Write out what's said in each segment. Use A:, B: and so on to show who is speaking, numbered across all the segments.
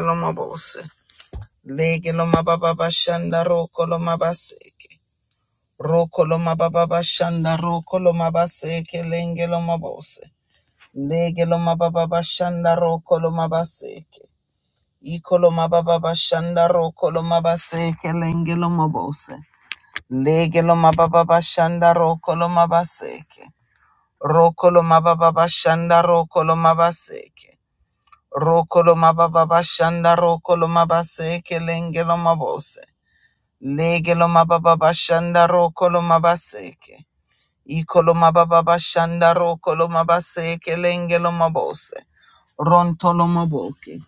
A: Lomabose. Lege lomababa shanda roko lomabaseke. Roko lomababa shanda roko lomabaseke lenge lomabose. Lege lomababa shanda roko lomabaseke. Iko lomababa shanda roko lomabaseke lenge lomabose. Lege lomababa shanda roko lomabaseke. Roko lomababa shanda roko lomabaseke. Roko lomababa shanda roko lomabaseke lenge lomabose. Legelo mababa shanda roko lo mabaseke. Iko mababa shanda roko lo mabaseke lenge mabose. Ronto lo maboke.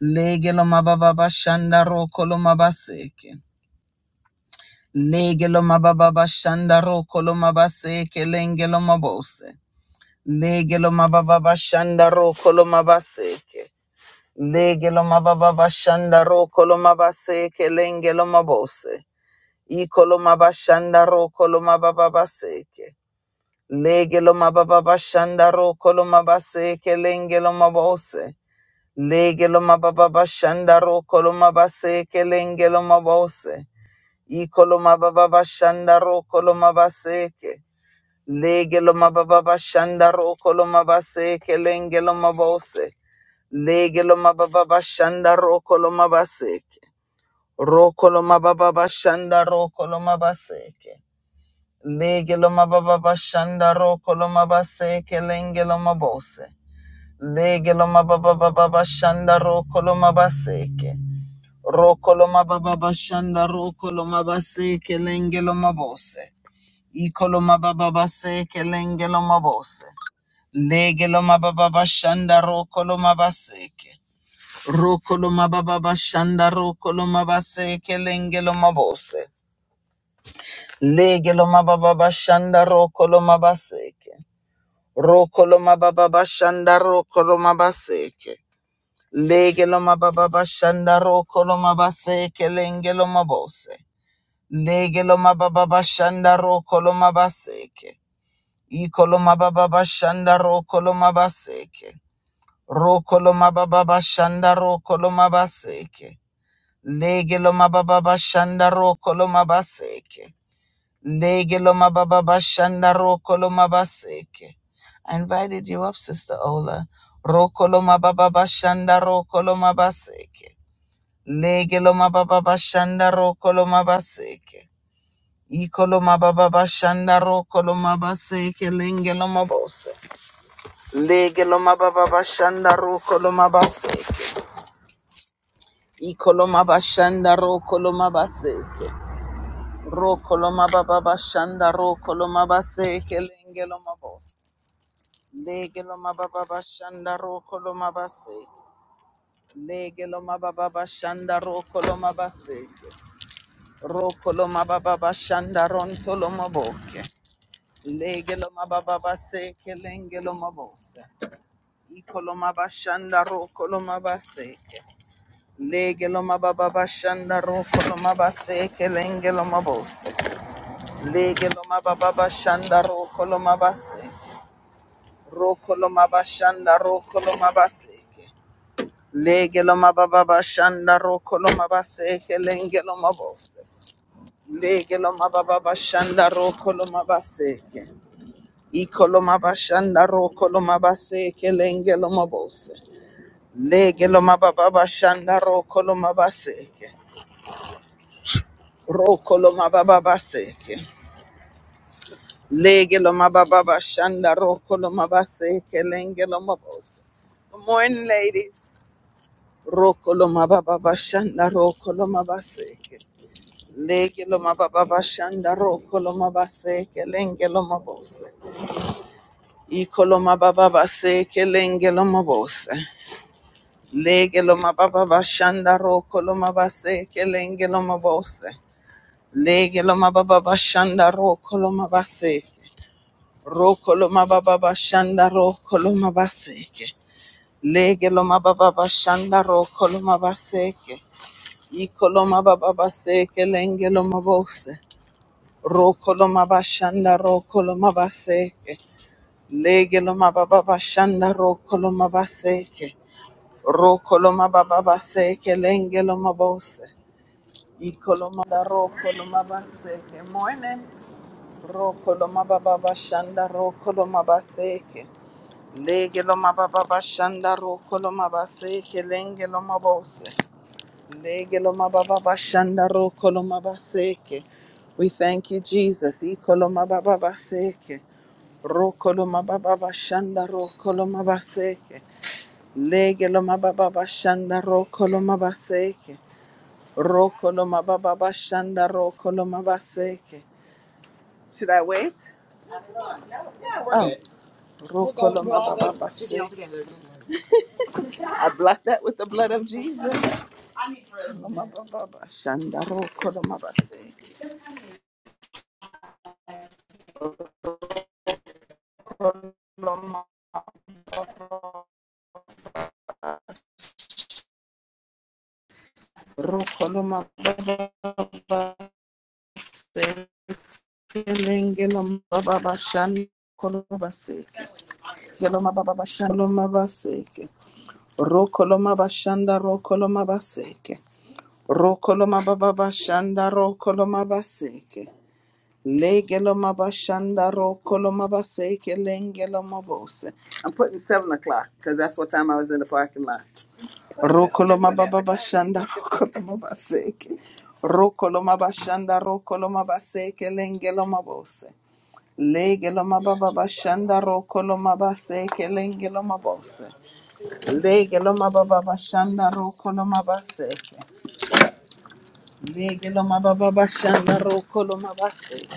A: Lege mababa shanda roko lo mabaseke. Lege mababa shanda roko lo mabaseke lenge mabose. legelo mababa shanda roko lo mabaseke. Lege mababa shanda roko lo mabaseke lenge mabose. Ikoloma bashanda ro koloma baba baseke. Legelo mababa bashanda ro koloma baseke lengelo mabose. Legelo mababa bashanda ro koloma baseke lengelo mabose. Ikoloma baba bashanda ro koloma baseke. Legelo mababa bashanda ro koloma baseke lengelo mabose. Legelo mababa bashanda ro koloma baseke. Ro koloma baba bashanda ro koloma baseke. Legeloma baba bashanda roko base kelenge bose. Legeloma baba baba bashanda roko loma baseke. Roko baba bashanda roko loma base kelenge loma bose. Iko loma baba base kelenge loma bose. Legeloma baba bashanda roko loma baseke. Roko loma baba bashanda roko base kelenge bose. Legeloma baba bashanda roko baseke. Rokoloma baba bashanda rokoloma baseke. Legeloma baba bashanda rokoloma baseke lengeloma bose. Legeloma baba bashanda rokoloma baseke. Ikoloma baba bashanda rokoloma baseke. Rokoloma baba bashanda rokoloma baseke. Legeloma baba bashanda rokoloma baseke. Lege lo mababa bashanda roko lo mabaseke. I invited you up, Sister Ola. Roko lo mababa bashanda roko lo mabaseke. Lege lo mababa bashanda roko lo mabaseke. Iko lo mababa bashanda roko lo mabaseke. Lenge lo mabose. Lege lo mababa bashanda roko lo mabaseke. Iko lo mabashanda roko lo mabaseke. Roko lo mababa bashanda roko lo mabaseke. Lenge lo mabose. Lege lo mababa bashanda roko lo mabase. Lege lo mababa bashanda roko lo mabase. Roko lo mababa bashanda ronto lo maboke. Lege lo mababa baseke lenge lo mabose. Iko lo mabashanda roko lo mabaseke. Lege lo mababa bashanda roko lo mabaseke lenge lo mabose. Lege lo mababa bashanda roko lo mabase. Roko lo mabashanda roko lo mabaseke. Legelo mababa shanda roko lo mabase kelengelo mabose. Legelo mababa shanda roko lo mabase ke. Ikolo mabashanda roko lo mabase kelengelo mabose. Legelo mababa shanda roko lo mabase ke. Roko lo mababa se ke. Legelo babá shanda roko lo mabase kelengelo mabose. Good morning, ladies. Roko lo mababa shanda roko lo Legiloma baba bashanda ro koloma base kelengeloma bose. Ikoloma baba base kelengeloma bose. Legiloma baba bashanda ro koloma base kelengeloma bose. Legiloma baba bashanda ro koloma base. Ro koloma baba bashanda ro koloma base. Legiloma baba bashanda ro koloma base. Ikoloma baba base kelengeloma bose. Rokolomabashanda rokolomabaseke. Legelomababashanda rokolomabaseke. Rokolomababaseke lengelomabose. Ikolomada rokolomabaseke. Morning. Rokolomababashanda rokolomabaseke. Legelomababashanda rokolomabaseke lengelomabose. Lege lo mababa bashanda ro kolo mabaseke. We thank you, Jesus. Ikolo mababa baseke. Ro kolo mababa bashanda ro kolo mabaseke. Lege lo bashanda ro kolo mabaseke. Ro kolo mababa bashanda ro kolo mabaseke. Should I wait? Yeah, Oh, ro We'll baseke. I block that with the blood of Jesus. Lo mababa bashanda ro kolo mabaseke. Lo Sekelenge lomababa shani kolomabaseke. Kelomababa shani lomabaseke. Rokolomaba shanda rokolomabaseke. Rokolomababa shanda rokolomabaseke. Lege lomaba I'm putting seven o'clock because that's what time I was in the parking lot. Rokoloma baba bashanda rokoloma baseke. Rokoloma bashanda rokoloma baseke lengeloma bose. Legeloma baba bashanda rokoloma base kelengeloma bose. Legeloma baba bashanda rokoloma base. Legeloma baba bashanda rokoloma base.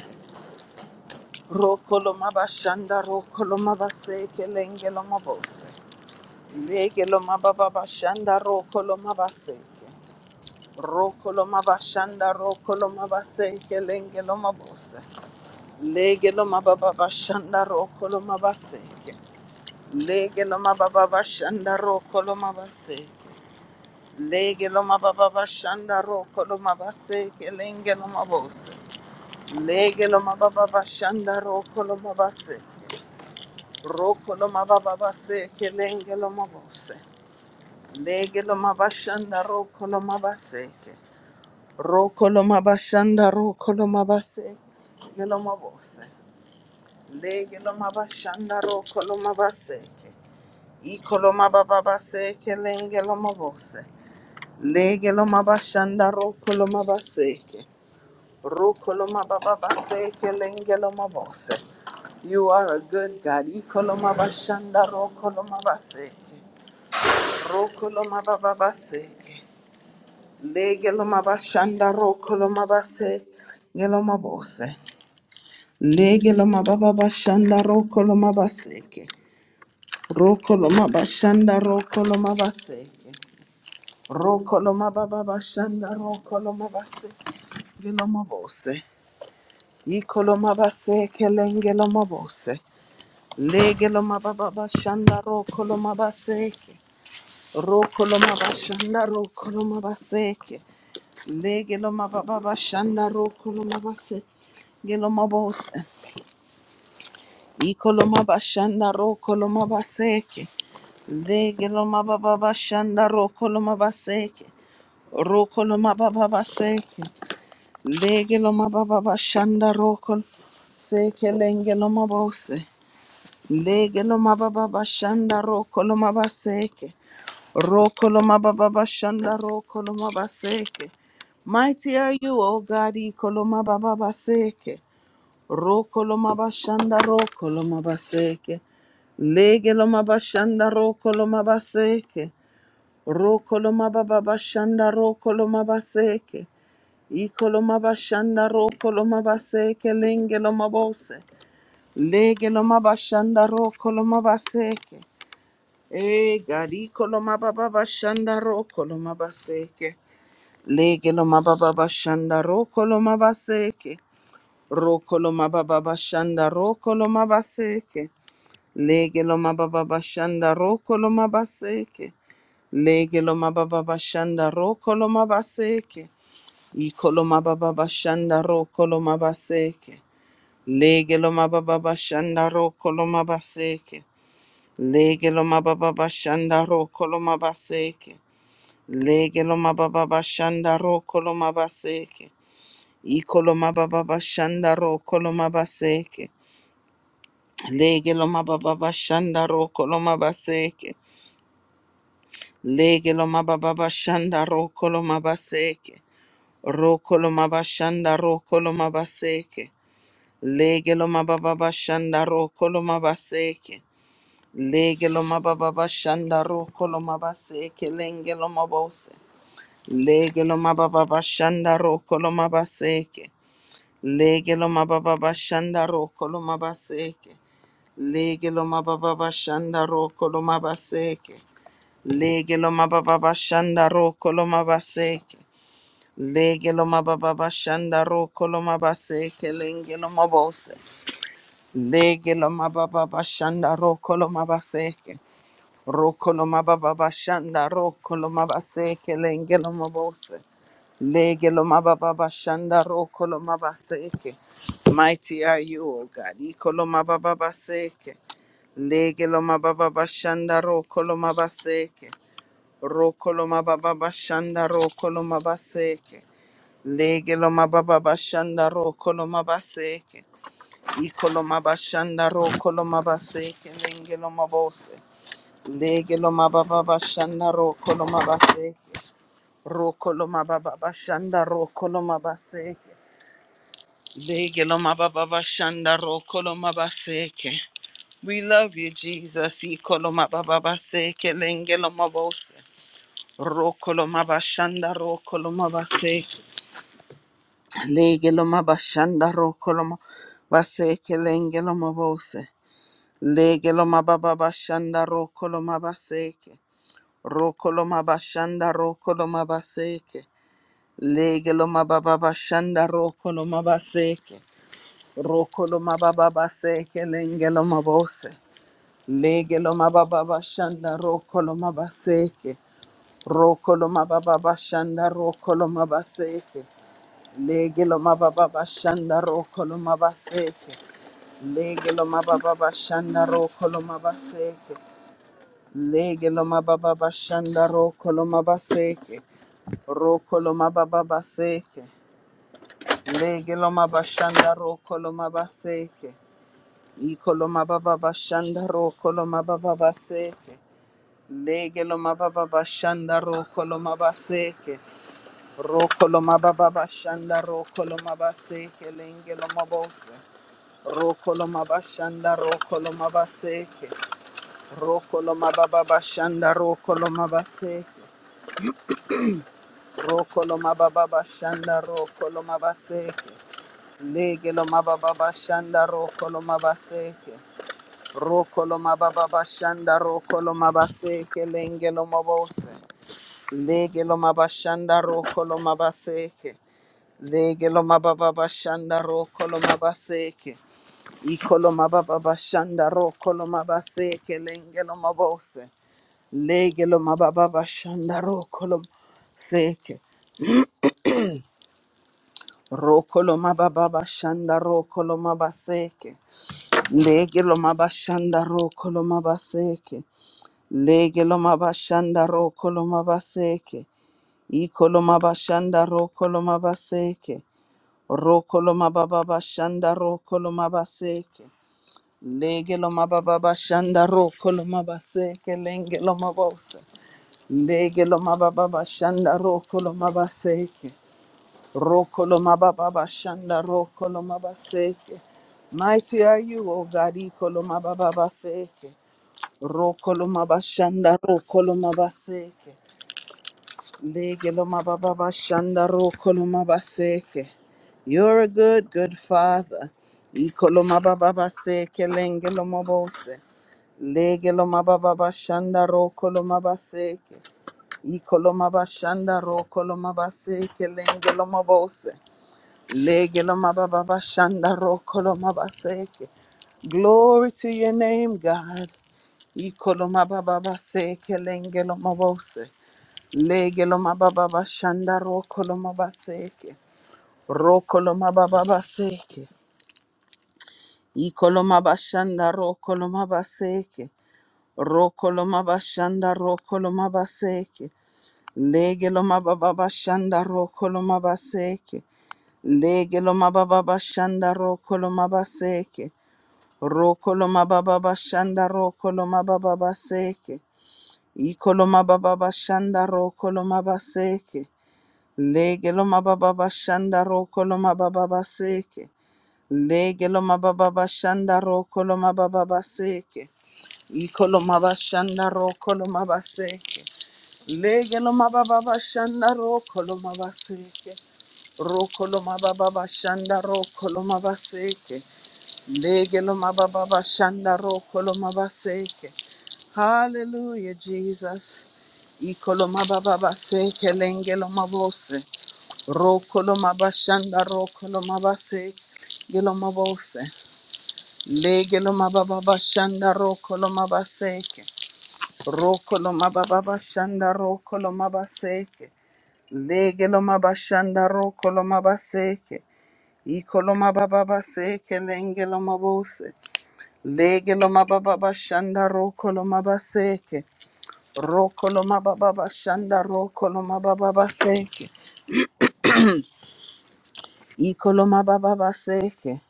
A: Rokoloma bashanda rokoloma base kelengeloma bose. Legeloma baba bashanda rokoloma base. Rokoloma bashanda rokoloma base kelengeloma bose. Legeloma baba bashanda rokoloma base. Lege loma baba bashanda roko loma base. Lege loma baba bashanda roko loma base. Kelenge loma bose. Lege loma baba bashanda roko loma base. Roko loma baba base. Kelenge loma bose. Lege loma bashanda roko loma base. Roko loma bashanda roko loma base. Lege loma bose. Lege loma bashanda roko loma base. Ikoloma baba baseke lengeloma bose. Legeloma bashanda rokoloma baseke. Rokoloma baba baseke lengeloma bose. You are a good God. Ikoloma bashanda rokoloma baseke. Rokoloma baba baseke. Legeloma bashanda rokoloma baseke. Geloma bose. Legeloma baba bashanda rokoloma baseke. Rokoloma bashanda rokoloma baseke. Rokoloma baba bashanda rokoloma base geloma bose. Ikoloma base kelengeloma bose. Legeloma baba bashanda rokoloma baseke. Rokoloma bashanda rokoloma baseke. Legeloma baba bashanda rokoloma base geloma bose. Ikoloma bashanda rokoloma baseke. Legeloma baba bashanda rokoloma baseke. Rokoloma baba baseke. Lege lo mababa bashanda roko seke lenge lo mabose. Lege lo mababa bashanda roko lo mabaseke. Roko lo mababa bashanda roko mabaseke. Mighty are you, O God, iko lo mababa baseke. Roko lo mabashanda roko lo mabaseke. Lege lo mabashanda roko lo mabaseke. Roko mababa bashanda roko mabaseke. Ikolomabashanda ro kolomabaseke lengelomabose. Legelomabashanda ro kolomabaseke. E gari kolomababashanda ro kolomabaseke. Legelomababashanda ro kolomabaseke. Ro kolomababashanda ro kolomabaseke. Legelomababashanda ro kolomabaseke. Legelomababashanda ro kolomabaseke. Ikoloma baba bashanda ro koloma baseke. Lege loma baba bashanda ro koloma baseke. Lege loma baba bashanda ro koloma baseke. Lege loma baba bashanda ro koloma baseke. Ikoloma baba bashanda ro koloma baseke. Lege loma baba bashanda ro koloma baseke. Lege loma baba bashanda ro koloma baseke. Ro koloma bashanda ro koloma baseke. Legelo mababa bashanda ro koloma baseke. Legelo mababa bashanda ro koloma baseke lengelo mabose. Legelo mababa bashanda ro koloma baseke. Legelo mababa bashanda ro koloma baseke. Legelo mababa bashanda ro koloma baseke. Legelo mababa bashanda ro koloma baseke. Legelo mababa shanda ro koloma baseke lengelo mabose. Lege lo mababa bashanda roko lo mabaseke. Roko lo mababa bashanda roko lo mabaseke lenge lo mabose. Lege lo mababa bashanda roko lo mabaseke. Mighty are you, O God. Iko lo mababa baseke. Lege lo mababa bashanda roko lo mabaseke. Roko lo mababa bashanda roko lo mabaseke. Lege lo mababa bashanda roko lo mabaseke. Ikolomabashandaro kolomabase kelengelomabose. Legelomabababashandaro kolomabase. Rokolomabababashandaro kolomabase. Legelomabababashandaro kolomabase. We love you, Jesus. Ikolomabababase kelengelomabose. Rokolomabashandaro kolomabase. Legelomabashandaro kolomabase kelengelomabose. Legeloma baba bashanda rokoloma baseke. Rokoloma bashanda rokoloma baseke. Legeloma baba bashanda rokoloma baseke. Rokoloma baba baseke lengeloma bose. Legeloma baba bashanda rokoloma baseke. Rokoloma baba bashanda rokoloma baseke. Legeloma baba bashanda rokoloma baseke. Legeloma baba bashanda rokoloma baseke. Lege loma baba bashanda roko loma baseke. Roko loma baba baseke. Lege loma bashanda roko loma baseke. Iko loma baba bashanda roko loma baba baseke. Lege loma baba bashanda roko loma baseke. Roko loma baba bashanda roko loma baseke. Lenge loma bose. Roko loma bashanda roko loma baseke. Roko loma baba bashanda roko loma baseke. Rokolo mababa shanda rokolo mabaseke. Legelo mababa shanda rokolo mabaseke. Rokolo mababa shanda rokolo mabaseke lengelo mabose. Legelo mabashanda rokolo mabaseke. Legelo mababa shanda rokolo mabaseke. Ikolo mababa shanda rokolo mabaseke lengelo mabose. Legelo mababa shanda rokolo mabaseke. Rokolo mababa shanda rokolo mabaseke. Lege lo mabashanda rokolo mabaseke. Lege lo mabashanda rokolo mabaseke. Ikolo mabashanda rokolo mabaseke. Rokolo mababa bashanda rokolo mabaseke. Lege lo mababa bashanda rokolo mabaseke. Lenge lo mabose. Lege lo mababa bashanda rokolo mabaseke. Rokolo mababa bashanda rokolo mabaseke. Mighty are you, O God, ikolo mababa baseke. Rokolo mabashanda rokolo mabaseke. Legelo mababa bashanda rokolo mabaseke. You're a good, good father. Ikolo mababa baseke lengelo mabose. Legelo mababa bashanda rokolo mabaseke. Ikolo mabashanda rokolo mabaseke lengelo mabose. Lege lo ba ba ba shanda ro ko ba seke. Glory to your name, God. Iko lo ma ba ba ba seke lenge lo ma Lege lo ba ba ba shanda ro ko ba seke. Ro ko ba ba ba seke. Iko lo ba shanda ro ko ba seke. Ro ko ba shanda ro ko ba seke. Lege lo ba ba ba shanda ro ko ba seke. Legelo mababa bashanda rokolo mabaseke. Rokolo mababa bashanda rokolo mababa baseke. Ikolo mababa bashanda rokolo mabaseke. Legelo mababa bashanda rokolo mababa baseke. Legelo mababa bashanda rokolo mababa baseke. Ikolo mabashanda rokolo mabaseke. Legelo mababa bashanda rokolo mabaseke. Rokoloma baba bashanda rokoloma baseke. Legeloma baba bashanda rokoloma baseke. Hallelujah, Jesus. Ikoloma baba baseke lengeloma bose. Rokoloma bashanda rokoloma baseke. Geloma bose. Legeloma baba bashanda rokoloma baseke. Rokoloma baba bashanda rokoloma baseke. Legeloma bashanda rokoloma baseke. Ikoloma baba base kelenge loma bose. Lege loma baba bashanda roko loma baseke. Roko loma baba bashanda roko loma baba baseke. Ikoloma baba baseke.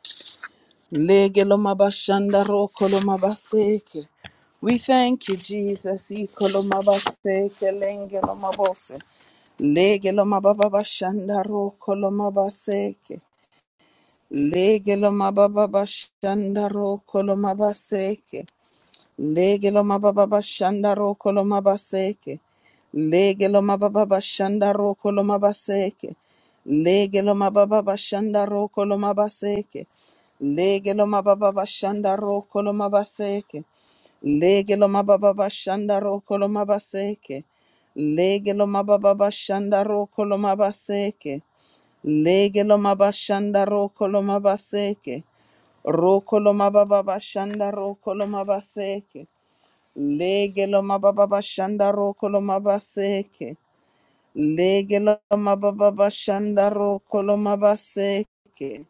A: Lege loma bashanda roko loma baseke. We thank you, Jesus. Ikoloma baseke lenge loma bose. Lege loma baba bashanda roko loma baseke. Lege lo mababa bashanda roko lo mabaseke. Lege lo mababa bashanda roko lo mabaseke. Lege lo mababa bashanda roko lo mabaseke. Lege lo mababa bashanda roko lo mabaseke. Lege lo mababa bashanda roko lo mabaseke. Lege lo mababa bashanda roko lo mabaseke. Lege lo mababa bashanda roko lo mabaseke. Lege lo mabashanda roko lo mabaseke. Roko lo mabababashanda roko lo mabaseke. Lege lo mabababashanda roko lo mabaseke. Lege lo mabababashanda roko lo mabaseke.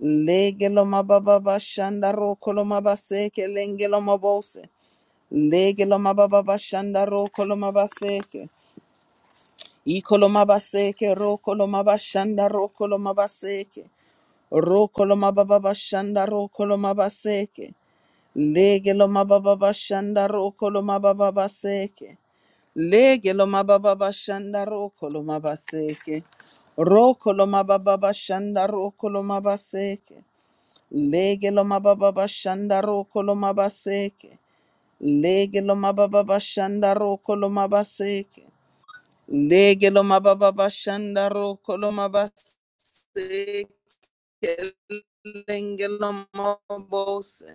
A: Lege lo mabababashanda roko lo mabaseke. Lenge lo mabose. Lege lo mabababashanda roko lo mabaseke. Iko lo mabaseke roko lo mabashanda roko lo mabaseke. Rokoloma baba shanda rokoloma baseke. Legeloma baba shanda rokoloma baba baseke. Legeloma baba shanda rokoloma baseke. Rokoloma baba shanda rokoloma baseke. Legeloma baba shanda rokoloma baseke. Legeloma baba shanda rokoloma baseke. Legeloma baba shanda rokoloma baseke. Lengelomabose,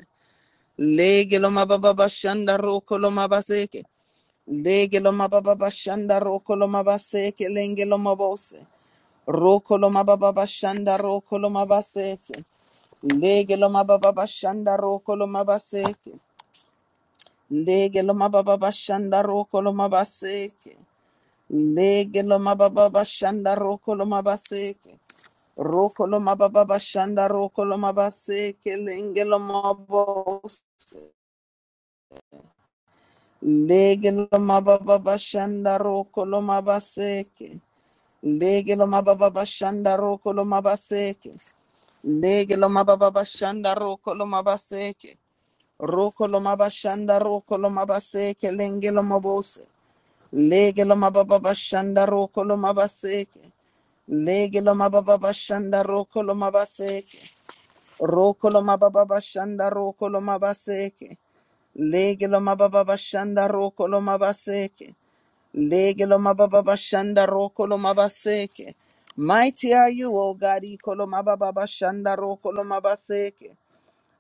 A: legelomababashanda rokolomabaseke, legelomababashanda rokolomabaseke, lengelomabose, rokolomababashanda rokolomabaseke, rokolomabaseke, legelomababashanda rokolomabaseke, legelomababashanda rokolomabaseke, Rokolo mababa shanda rokolo mabase kelengelo mabose legelo mababa shanda rokolo mabaseke legelo mababa shanda rokolo mabaseke legelo mababa shanda rokolo mabaseke rokolo mabashanda rokolo mabaseke lengelo mabose legelo mababa shanda rokolo mabaseke legelo mababa shanda rokolo mabaseke Rokolo mababa bashanda rokolo mabaseke. Legelo mababa bashanda rokolo mabaseke. Legelo mababa bashanda rokolo mabaseke. Mighty are you, O God, ikolo mababa bashanda rokolo mabaseke.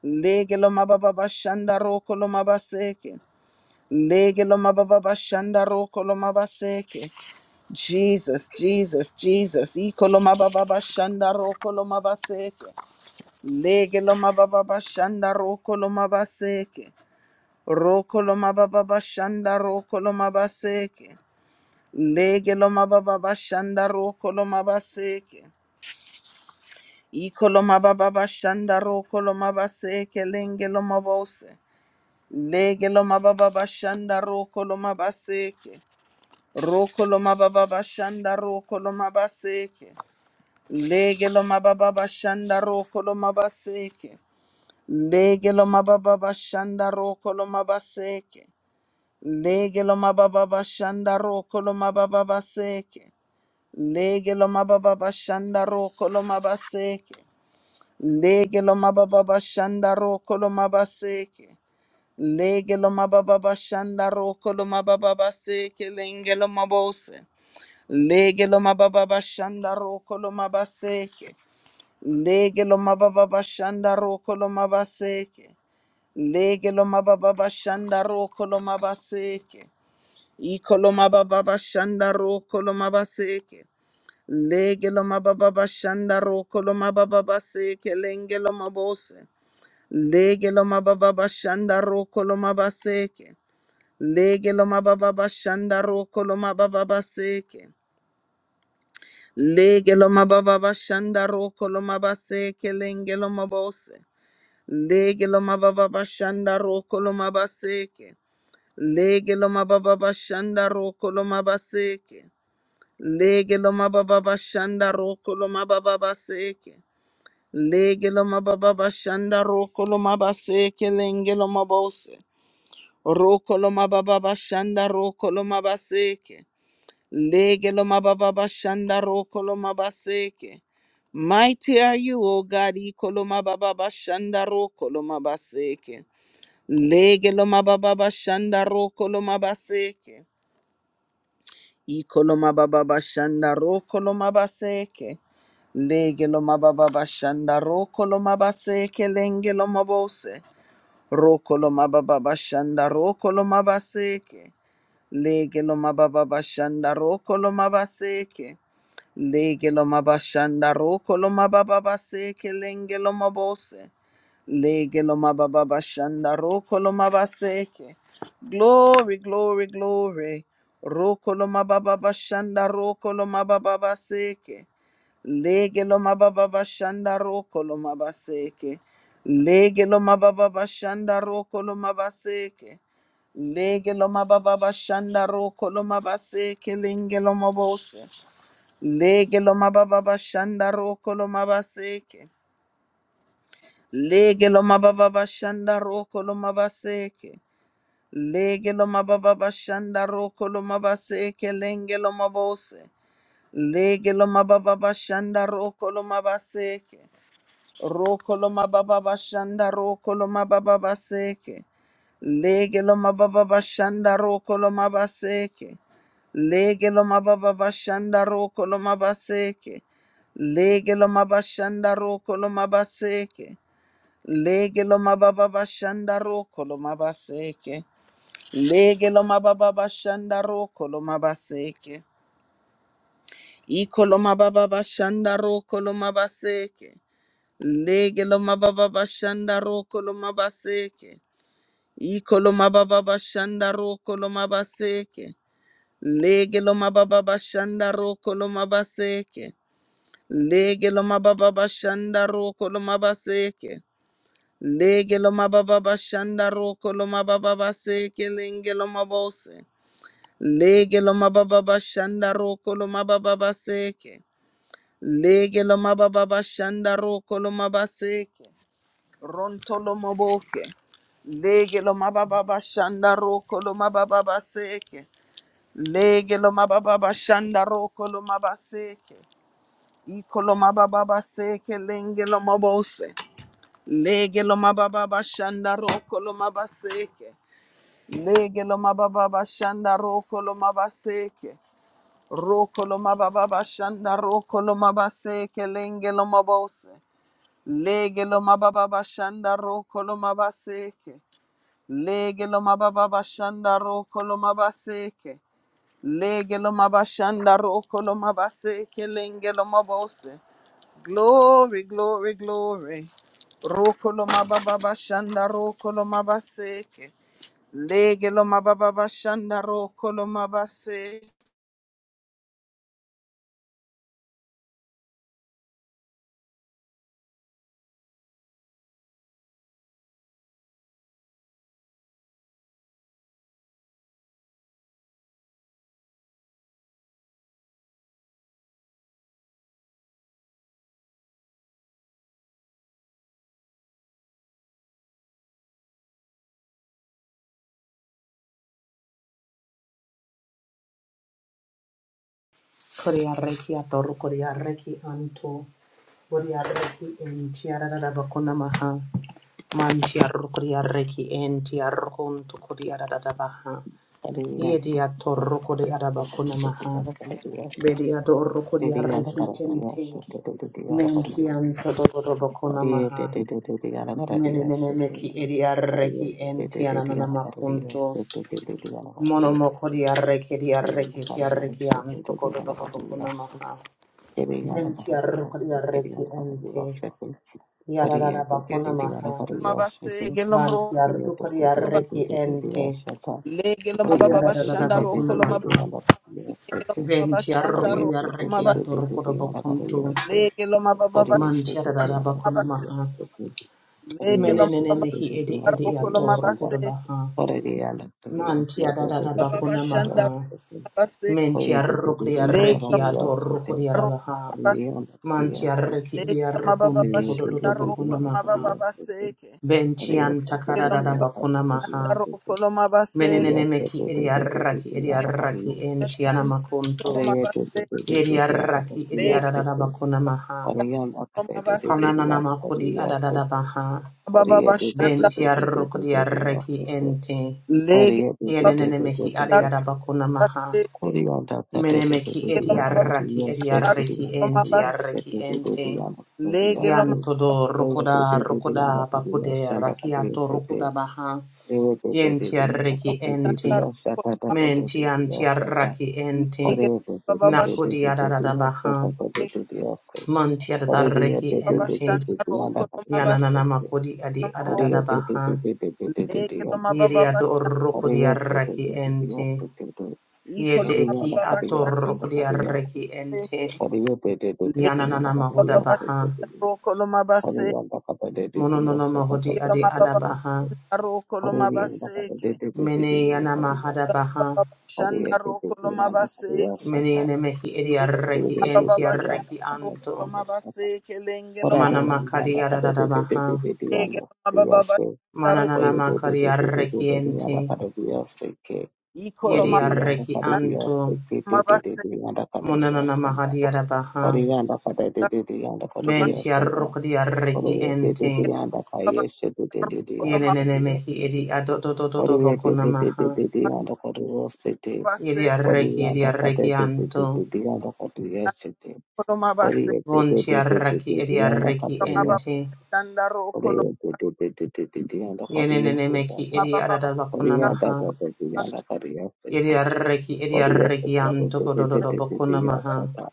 A: Legelo mababa bashanda rokolo mabaseke. Legelo mababa bashanda rokolo mabaseke. Jesus, Jesus, Jesus. Ikolo mababa bashanda rokolo mabaseke. Lege lo mababa bashanda roko lo mabaseke. Roko lo mababa bashanda roko lo mabaseke. Lege lo mababa bashanda roko lo mabaseke. Iko lo mababa bashanda roko lo mabaseke lenge lo mabose. Lege lo mababa bashanda roko lo mabaseke. Roko lo mababa bashanda roko lo mabaseke. Lege lo mababa bashanda roko lo mabaseke. Lege lo mababa bashanda roko lo mabaseke. Lege lo mababa bashanda roko lo mababa baseke. Lege lo mababa bashanda roko lo mabaseke. Lege lo mababa bashanda roko lo mabaseke. Lege lo mababa bashanda roko lo mababa baseke. Lenge lo mabose. Lege lo mababa bashanda roko lo mabaseke. Lege lo mababa bashanda roko lo mabaseke. Lege lo mababa bashanda roko lo mabaseke. Iko lo mababa bashanda roko lo mabaseke. Lege lo mababa bashanda roko lo mababa baseke lenge lo mabose. Lege lo mababa bashanda roko lo mabaseke. Lege lo mababa bashanda roko lo mababa baseke. Lege lo mababa bashanda roko lo mabaseke lenge lo mabose. Lege lo mababa bashanda roko lo mabaseke. Lege lo mababa bashanda roko lo mabaseke. Lege lo mababa bashanda roko lo mababa baseke. Lege lo mababa bashanda roko lo mabaseke lenge lo mabose. Roko lo mababa bashanda roko lo mabaseke. Lege lo mababa bashanda roko lo mabaseke. Mighty are you, O God, ikolo mababa bashanda roko lo Lege lo mababa bashanda roko lo Ikoloma baba bashanda ro koloma baseke. Lege loma baba bashanda ro koloma baseke lenge loma bose. Ro koloma baba bashanda ro koloma baseke. Lege loma baba bashanda ro koloma baseke. Legelo mabashanda roko lo mababa seke lenge lo mabose. Legelo mababa bashanda roko lo mabaseke. Glory, glory, glory. Roko lo mababa bashanda roko lo mababa baseke. Lege lo mababa bashanda roko lo mabaseke. Lege mababa bashanda roko lo mabaseke. Lege mababa bashanda roko lo mabaseke lenge mabose. Lege lo mababa bashanda roko lo mabaseke. Lege lo mababa bashanda roko lo mabaseke. Lege lo mababa bashanda roko lo mabaseke lenge lo mabose. Lege lo mababa bashanda roko lo mabaseke. Roko lo mababa bashanda roko lo mababa baseke. Lege lo mababa bashanda roko lo mabaseke. Lege lo mababa bashanda roko lo mabaseke. Lege lo mabashanda roko lo mabaseke. Lege lo mababa bashanda roko lo mabaseke. Lege lo mababa bashanda roko lo mabaseke. Iko lo mababa bashanda roko lo mabaseke. Lege lo mababa bashanda roko lo mabaseke. Ikolomababa shandaro kolomabaseke. Lege lomababa koloma kolomabaseke. Lege lomababa shandaro kolomabaseke. Lege lomababa shandaro kolomababaseke lenge lomabose. Lege lomababa shandaro kolomababaseke. Lege lomababa shandaro kolomabaseke. Rontolo Moboke. Lege lo mababa shanda roko lo mababa seke. Lege lo mababa shanda roko lo mabaseke. Iko lo mababa seke lenge lo mabose. Lege lo mababa shanda roko lo mabaseke. Lege lo mababa shanda roko lo mabaseke. Roko lo mababa shanda roko lo mabaseke lenge lo mabose. Lege lo mababa shanda roko lo mabaseke. Lege lo mababa bashanda roko lo mabaseke. Lege lo mabashanda roko lo mabaseke lenge lo mabose. Glory, glory, glory. Roko lo mababa bashanda roko lo mabaseke. Lege lo mababa bashanda roko lo mabase.
B: Korea reki atoro korea reki anto. Korea reki en tiara da da bakuna maha. Man tiaro korea reki en tiaro konto korea da da baha.
C: Thank
B: Yedi atoro korea da bakuna maha. Bedi adoro korea reki en te. Men tianto do do do bakuna maha. Mene mene meki eria reki en tiana makunto. Mono mo korea reki eria reki tiara reki anto kodo do do bakuna maha. Venti arrukri arreki ente. Yararara bakuna maha.
A: Mabaseke lo mro.
B: Vanti arrukri arreki ente.
A: Lege lo
B: Vodi
A: mababa
B: yararara
A: bashanda
B: bakuna
A: roko lo mabase.
B: maha.
A: Lege lo
C: you.
A: mababa
B: Venti
A: bashanda
C: Oriye
B: arrukri
A: roko
C: tu
A: lo
C: tu tu tu
A: mabase.
C: tu tu
B: atorukura
C: tu ana kare
B: bakuntu.
C: yasho.
A: Lege lo mababa bashanda
C: Oriye shu
B: Manti
C: tu tu
B: yararara
A: roko lo
C: ana
B: bakuna
C: kare
A: mabase.
B: maha.
C: yasho tu.
A: Lege lo
C: Oriye shu
B: Menenene
A: mababa
C: tu tu
B: mehi
C: tu
B: edi
C: tu ana
B: edi
C: kare
A: Rokolo
C: yasho
A: mabase,
C: ta.
B: atorukura baha.
C: Oriye ana kare
B: Manti
C: yasho tu tu
B: yararara
C: tu
A: ikolo baba
B: bakuna
C: tu
A: shanda
B: maha.
C: ana yasho tu.
A: mabase,
B: Menti
C: Oriye tu tu tu
B: arrukri
C: tu ana
A: lego
B: arreki
C: kare yasho tu.
B: adorukuri
A: rokolo
B: yarabaha.
C: Oriye
A: mabase,
C: ana kare
B: Manti
C: yasho
B: arreki
C: tu.
B: edi
A: lego mababa
B: arrukuntu
C: Oriye tu
A: shanda
B: kududu
C: tu tu tu
B: bakuna
A: rokolo
C: ana kare
B: maha.
A: mababa
C: yasho tu.
A: baseke,
B: Bentian
A: lego
B: takarada
A: mababa
B: bakuna
A: shanda
B: maha.
A: rokolo mabase,
B: Menenene meki idiaraki
A: lego
B: idiaraki entiana
A: shanda rokolo
B: makunto.
A: mabase,
B: Idiaraki
A: lego
B: idiarada bakuna maha.
C: Oriyam akadede de de
A: mabase,
C: de
B: Kananana
C: diyan kariyi
B: makudi
C: yaftu.
B: adadada baha.
C: Kariye
A: mababa
C: de de de
A: shanda,
C: de de de de de de yaftu.
B: Bentiarukdiaraki ente.
A: lego mababa shanda
C: Kariye de de de
B: Yenenene
C: de de de
B: meki
C: de.
B: adiada bakuna maha.
A: baseke,
C: Koriyan da kade de de
B: Menemeki
C: de
A: lego
C: diyan
A: mababa
C: kariyi
B: idiaraki
C: yaftu.
A: shanda
B: idiaraki
C: Koriyan
A: rokolo
C: kariyi
A: mabase,
B: entiaraki ente.
A: lego mababa
C: yaftu.
B: Yantodo
C: De
B: rukuda
C: de de diyan kariyi yaftu. Kore de de de diyan
B: rukuda
C: kariyi
B: bakude
C: yaftu. Da kariyi
B: rakiato
C: de de.
B: rukuda baha.
C: Kore de de de
B: Kienti
C: diyan
B: arreki
C: kariyi de de
B: enti.
A: shanda
C: yaftu. Da da
A: rokolo,
C: da da de de yaftu. Da. Kore de de de de de de de de yaftu. Da da da de de yaftu. Kore de de de
B: Menti
C: de de
B: anti arraki enti.
A: lego mababa bashanda,
B: Nakodi
C: de
B: adadadabaha. Manti adarreki
A: baba
B: enti.
C: de
A: shanda
C: diyan kariyi
A: rokolo
B: Yananana makodi
A: Ikoloma Koloma
B: adi
C: Hurry up, do- do-
B: adadadabaha.
C: do- do- do- do- do- do- do- up, do-
B: Yedi
C: do.
B: adorokodi
C: Hurry up, do- do-
B: arraki
C: do- do- do-
B: enti.
C: up, do- do- do.
B: Yede
C: Carry
B: eki
C: on, up, hurry up, and up,
B: atorokodi
C: hurry up, do.
B: arraki enti.
C: Hurry up, do- do- do- do- do, and
B: Yananana
C: up, hurry up, do-
B: mahodabaha.
C: do- do.
A: base,
C: Hurry on, up, up, do- do- do, up,
B: Mononono
C: so, do-
B: mahodi
C: do- do-
B: adi
C: do- do- do,
B: adabaha.
C: do. Hurry on, up, up, do- do- do- do-
B: Mene
C: do, and up,
B: yana
C: hurry up.
B: mahadabaha.
C: Hurry up, do- do- do, and up, hurry up, so,
B: Mene
C: do.
B: yana mehi edi
C: Hurry up,
B: arraki
C: do- do-
B: enti
C: do- do, and
B: arraki
C: up, and up,
B: anto.
C: hurry up, so, do.
B: Mana
C: Whatever, hurry on,
B: makari
C: up, do-
B: ararara
C: do- do-
B: baha.
C: do- do- do, and up, hurry up, so.
B: Mana nana
C: Hurry up, do- do-
B: makari
C: do- do- do-
B: arreki
C: do, and up,
B: ente.
C: hurry up, so, do.
B: Yeri
C: Oriyanda
B: arreki
C: Kaririyas,
B: anto.
C: Oriyanda
B: Mona
C: Kaririyas,
B: nana mahadi arabaha.
C: Oriyanda Kaririyanda
B: Benti
C: Kaririyas,
B: arrokadi arreki ente.
C: Oriyanda Kayesh, Oriyanda Kaririyas,
B: Yene nene mehi edi
C: Oriyanda Kaririyas,
B: adododododo
C: Oriyanda
B: boko namaha.
C: Kaririyanda Kaririyas, Oriyanda Kaririyas,
B: Yeri arreki edi
C: Oriyanda Kaririyanda
B: arreki anto.
C: Kaririyas,
A: koloma base,
B: Vonti arreki edi arreki
A: koloma base,
B: ente.
A: kanda ro, koloma.
B: Yene nene meki edi
A: Legelo
B: arada boko namaha.
C: Oriyanda Kaririyanda Kaririyas,
B: Yeri arreki
C: te te te te
B: edi arreki anto
C: te
B: kodododo
C: te te
B: boko
C: te
B: namaha.
C: yasata.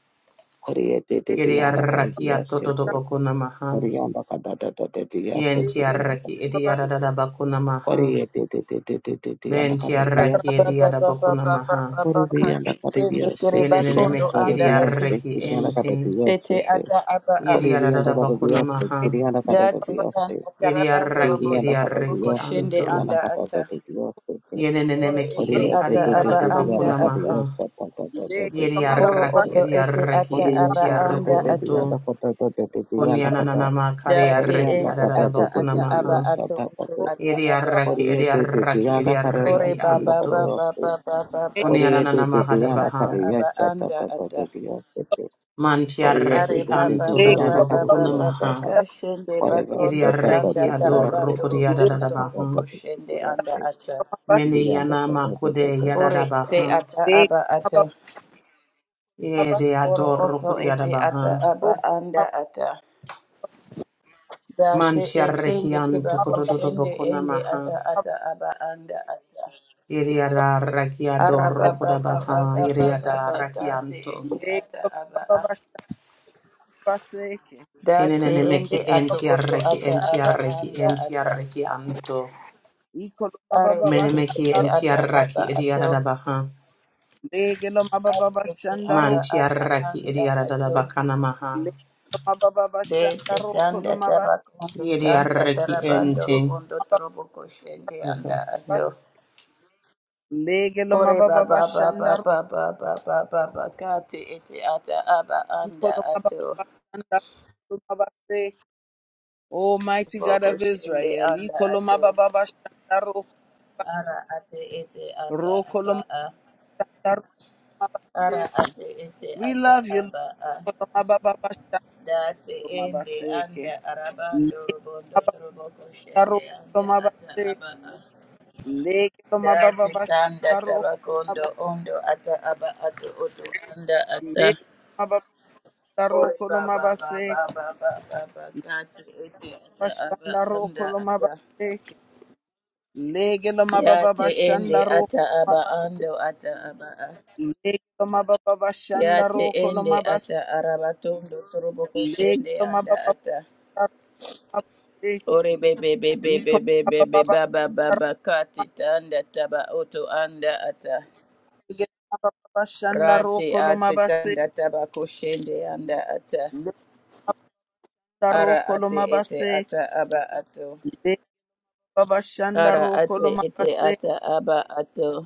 C: Korea te te te
B: Yeri
C: yanda kari
B: arraki ato dodo
C: yasete.
B: boko namaha.
C: Korea yanda kada da da da te yasete
B: Yenti
C: kiri yanda
B: arraki
C: kari.
B: ediada da bakuna maha.
C: Korea te te te te te te te yanda
B: Benti
C: kari
B: arraki
D: Baba,
C: yasete.
B: ediada
D: baba,
B: bakuna
D: baba,
B: maha.
D: baba,
C: Korea yanda kari yasete kiri
B: Yenenene
C: yanda
D: Bakondo
B: mehi
C: kari
D: anda
C: yasete
D: ati
B: ediarraki
C: kiri yanda kari
B: ente.
D: ete
C: yasete.
D: ata aba a
C: Korea
B: Yediada
C: yanda
B: da
C: kari
B: bakuna
C: yasete
B: maha.
C: kiri yanda kari
D: date
C: yasete.
D: tanda karabando
C: Korea
B: Yediarraki
D: robondo
C: yanda kari
D: toroboko
B: ediarraki
C: yasete
D: shende
C: kiri
B: anto.
C: yanda
D: anda ata
C: kari yasete.
B: Yenene
D: ore
B: meki
D: ete
B: mehi
C: Korea te
D: ata
C: te
B: ediada
C: te
D: aba
B: da
C: te te da
D: anda
C: da
B: bakuna
C: da da da da
D: ata
B: maha.
C: da kiri kiri kiri
D: oro
C: Yes,
B: Yediarraki
D: oto ete
B: ediarraki
D: ata aba
B: enti
C: Oriyanda da da
D: anda
C: da
D: ata
B: arrukunto.
C: diyanda kata da da da diyanda kata
B: Kunyananana makari
D: date
B: arraki
C: Oriyanda
D: ende
C: kata
B: adada
C: da
B: da
D: ata
C: da
B: bakuna
C: da
D: ata aba
C: diyo
B: maha.
D: ato
C: shata
D: oto
C: kata
D: ata aba a
B: Yediarraki
C: Oriyanda da
B: ediarraki
C: diyanda kara da
D: ore
B: ediarraki
C: bunda
D: baba
C: kara
B: anto.
D: baba
C: yasti
D: baba baba kate
B: Kunyananana
C: Oriyanda da
D: ete
B: mahada
C: diyanda
B: baha.
D: ata
C: kara
D: aba
C: yashata
D: anda
C: da da
D: ata
C: da diyo sete Oriyanda
D: Are
B: Mantiarreki
C: da
D: baba
B: anto
C: da
B: dododo
C: diyanda
D: baba
C: kara
B: bokuna
D: baba
C: diyo
D: baba
B: maha.
C: shata
D: kashende
C: kara da da
D: bakondo
C: da da
B: Iriareki
C: da
D: tanda
B: ador
C: diyo
B: adorroko
D: tarabando
C: sete Oriyanda
D: robondo
C: kata da
D: torobo
B: diadadabaha.
C: da da
D: koshende
C: diyo
D: anda
C: sete
D: ata.
B: Mene
C: Oriyanda
B: yana makude
C: kata
D: Ore
C: Orianda
B: yadadabaha.
D: te ata aba ata.
B: Yede
D: Oro
B: adorroko
D: oto ete
B: diadabaha.
D: ata aba anda ata. date
B: Mantiarreki
D: etende
B: anto
D: tebako
B: kododo
D: shende
B: bokuna
D: ende
B: maha.
D: ata ata aba anda ata.
B: Iriarreki
D: Araba
B: adorroko
D: baba
B: dabaha.
D: baba baba
B: Iriadarreki
D: baba te
B: anto.
D: ete ata aba a. Da
B: Enene meki
D: ende ato oto
B: entiarreki
D: ata aba
B: entiarreki
D: anda ata.
B: entiarreki anto.
D: Ari ete
B: Menemeki
D: ete ata aba
B: entiarraki
D: ato.
B: idiadadabaha.
D: Ari ete ata aba
B: Mantiaraki
D: anda
B: idiarada
D: ato.
B: bakana maha.
D: De te tanda tarakondo tanda
B: Yediaraki
D: tarabando
B: ente.
D: robondo torobo koshende anda
B: Okay.
D: ato. Ore baba baba baba baba baba kati ete ata aba anda ato.
A: Oh, mighty God
D: Boko
A: of
D: shende
A: Israel,
D: anda
A: Ikoloma
D: ato.
A: Baba Shandaro,
D: Ara ate ete ata aba
A: Rokolomabase.
D: a. Ara ate ete
A: We
D: ata
A: love you, Lord.
D: aba a.
A: Kolomabababasha,
D: Dati ende
A: kolomabaseke.
D: anda arabando robondo
A: Lekomababaro,
D: toroboko shende anda ata
A: kolomabase.
D: aba a. Dati tanda
A: Lekomabababasharo,
D: tabakondo
A: kolomaba-
D: ondo ata aba ato oto anda ata. Ore baba
A: kolomabase.
D: baba baba baba kati ete ata aba
A: Mabashandaro,
D: anda ata.
A: kolomabaseke.
D: Yate ende
A: Lekomabababashandaro,
D: ata aba
A: kolomaba-
D: ando ata aba a.
A: Lekomabababashandaro,
D: Yate ende
A: kolomabase.
D: ata arabatondo toroboko shende anda
A: Lekomabababashandaro,
D: ata. Ore bebe bebe bebe bebe
A: kolomabaseke.
D: baba baba kati tanda taba oto anda ata
A: Bashanda
D: rati
A: roko
D: ate
A: lomabase,
D: tanda taba kushende anda ata
A: lenda
D: ara
A: roko
D: ate ete
A: lomabase,
D: ata aba ato
A: lenda bashanda
D: ara
A: roko
D: ate ete
A: lomabase,
D: ata aba ato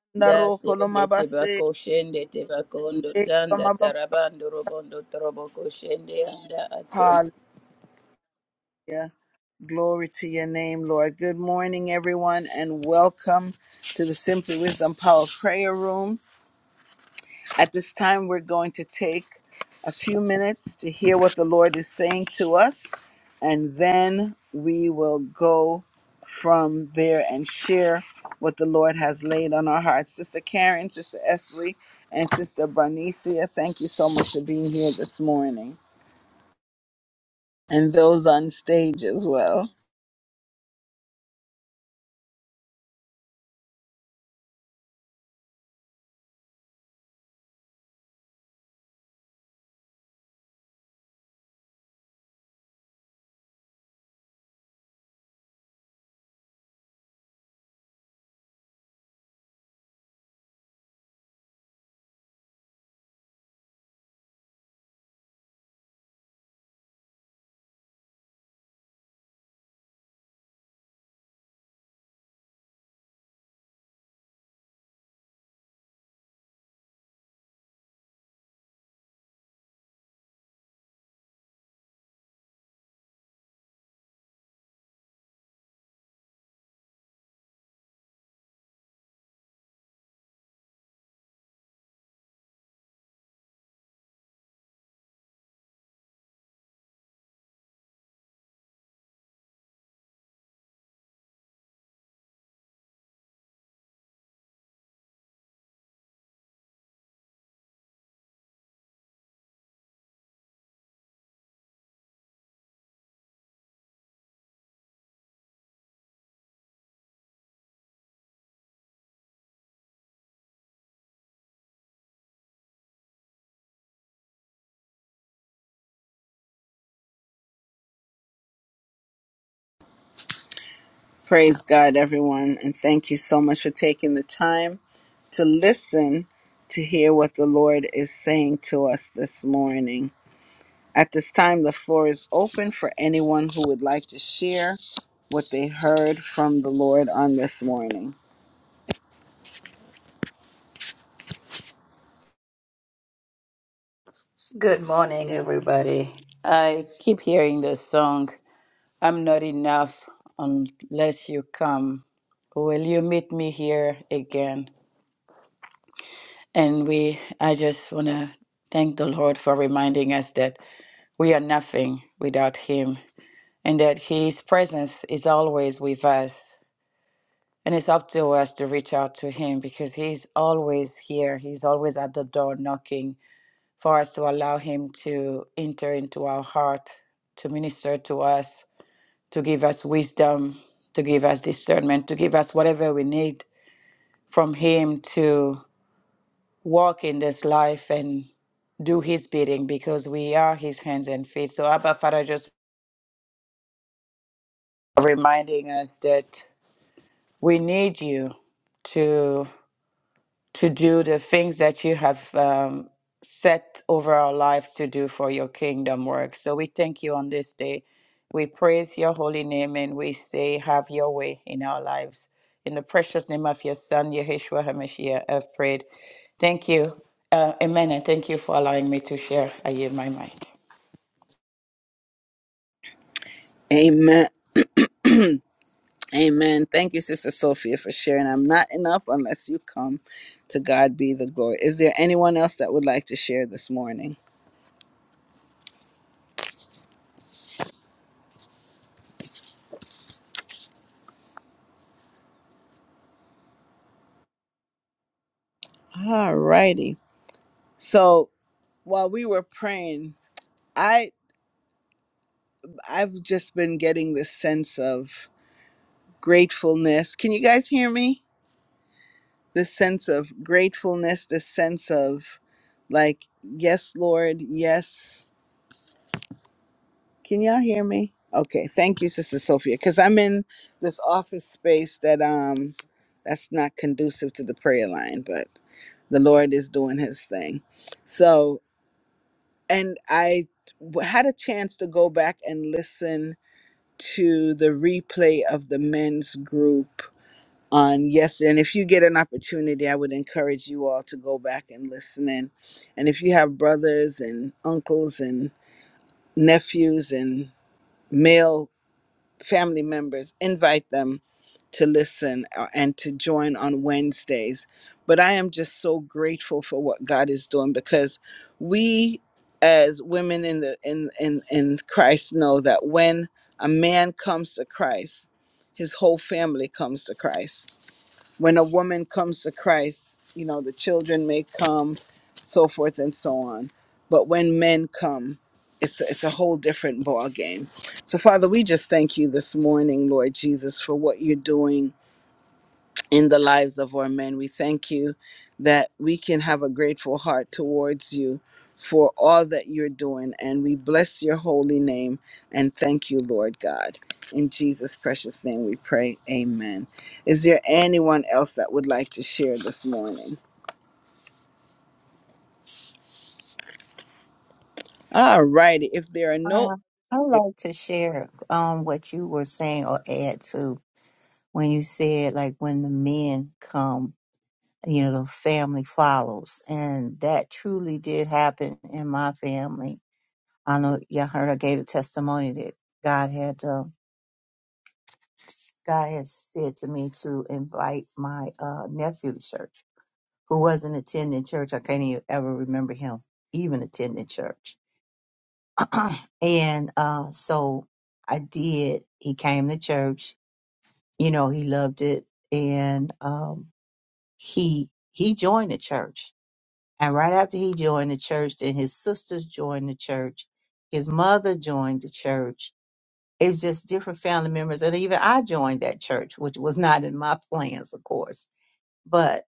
A: lenda roko
D: date ende teba
A: lomabase,
D: kushende teba kondo
A: lenda
D: tanda
A: mababa.
D: tarabando robondo trobo kushende anda ato.
A: Hallelujah. Glory to your name, Lord. Good morning, everyone, and welcome to the Simply Wisdom Power Prayer Room. At this time, we're going to take a few minutes to hear what the Lord is saying to us, and then we will go from there and share what the Lord has laid on our hearts. Sister Karen, Sister Esley, and Sister Barnicia, thank you so much for being here this morning, and those on stage as well. Praise God, everyone, and thank you so much for taking the time to listen to hear what the Lord is saying to us this morning. At this time, the floor is open for anyone who would like to share what they heard from the Lord on this morning.
D: Good morning, everybody. I keep hearing this song. I'm not enough unless you come. Will you meet me here again? And we, I just want to thank the Lord for reminding us that we are nothing without Him and that His presence is always with us. And it's up to us to reach out to Him because He's always here. He's always at the door knocking for us to allow Him to enter into our heart, to minister to us to give us wisdom, to give us discernment, to give us whatever we need from Him to walk in this life and do His bidding because we are His hands and feet. So, Abba Father, just reminding us that we need you to. to do the things that you have um, set over our lives to do for your kingdom work. So we thank you on this day. We praise your holy name and we say, Have your way in our lives. In the precious name of your son, Yeshua HaMashiach, I've prayed. Thank you. Uh, amen. And thank you for allowing me to share. I yield my mic.
A: Amen. Amen. Thank you, Sister Sophia, for sharing. I'm not enough unless you come. To God be the glory. Is there anyone else that would like to share this morning? All righty. So while we were praying, I I've just been getting this sense of gratefulness. Can you guys hear me? this sense of gratefulness, this sense of like, yes, Lord, yes. Can y'all hear me? Okay, thank you, Sister Sophia, because I'm in this office space that um that's not conducive to the prayer line, but the Lord is doing His thing. So, and I w- had a chance to go back and listen to the replay of the men's group on yes and if you get an opportunity i would encourage you all to go back and listen in and if you have brothers and uncles and nephews and male family members invite them to listen uh, and to join on wednesdays but i am just so grateful for what god is doing because we as women in the in in, in christ know that when a man comes to christ his whole family comes to christ when a woman comes to Christ, you know, the children may come, so forth and so on. But when men come, it's a, it's a whole different ball game. So Father, we just thank you this morning, Lord Jesus, for what you're doing in the lives of our men. We thank you that we can have a grateful heart towards you for all that you're doing. And we bless your holy name and thank you, Lord God. In Jesus' precious name we pray. Amen. Is there anyone else that would like to share this morning? All righty. If there are no
E: Uh, I'd like to share um what you were saying or add to when you said like when the men come, you know, the family follows. And that truly did happen in my family. I know y'all heard I gave a testimony that God had uh, God had said to me to invite my uh nephew to church who wasn't attending church. I can't even ever remember him even attending church and uh, so I did. He came to church. You know, he loved it, and um, he he joined the church. And right after he joined the church, then his sisters joined the church. His mother joined the church. It was just different family members, and even I joined that church, which was not in my plans, of course. But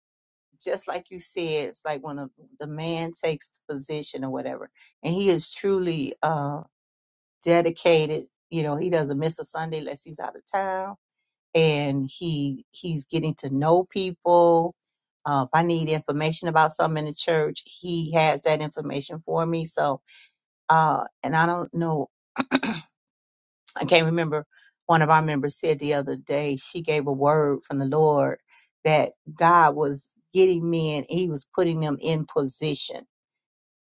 E: just like you said, it's like when a, the man takes the position or whatever, and he is truly. uh, dedicated. You know, he doesn't miss a Sunday unless he's out of town, and he he's getting to know people. Uh, if I need information about something in the church, he has that information for me. So, uh, and I don't know, I can't remember. One of our members said the other day she gave a word from the Lord that God was getting men, He was putting them in position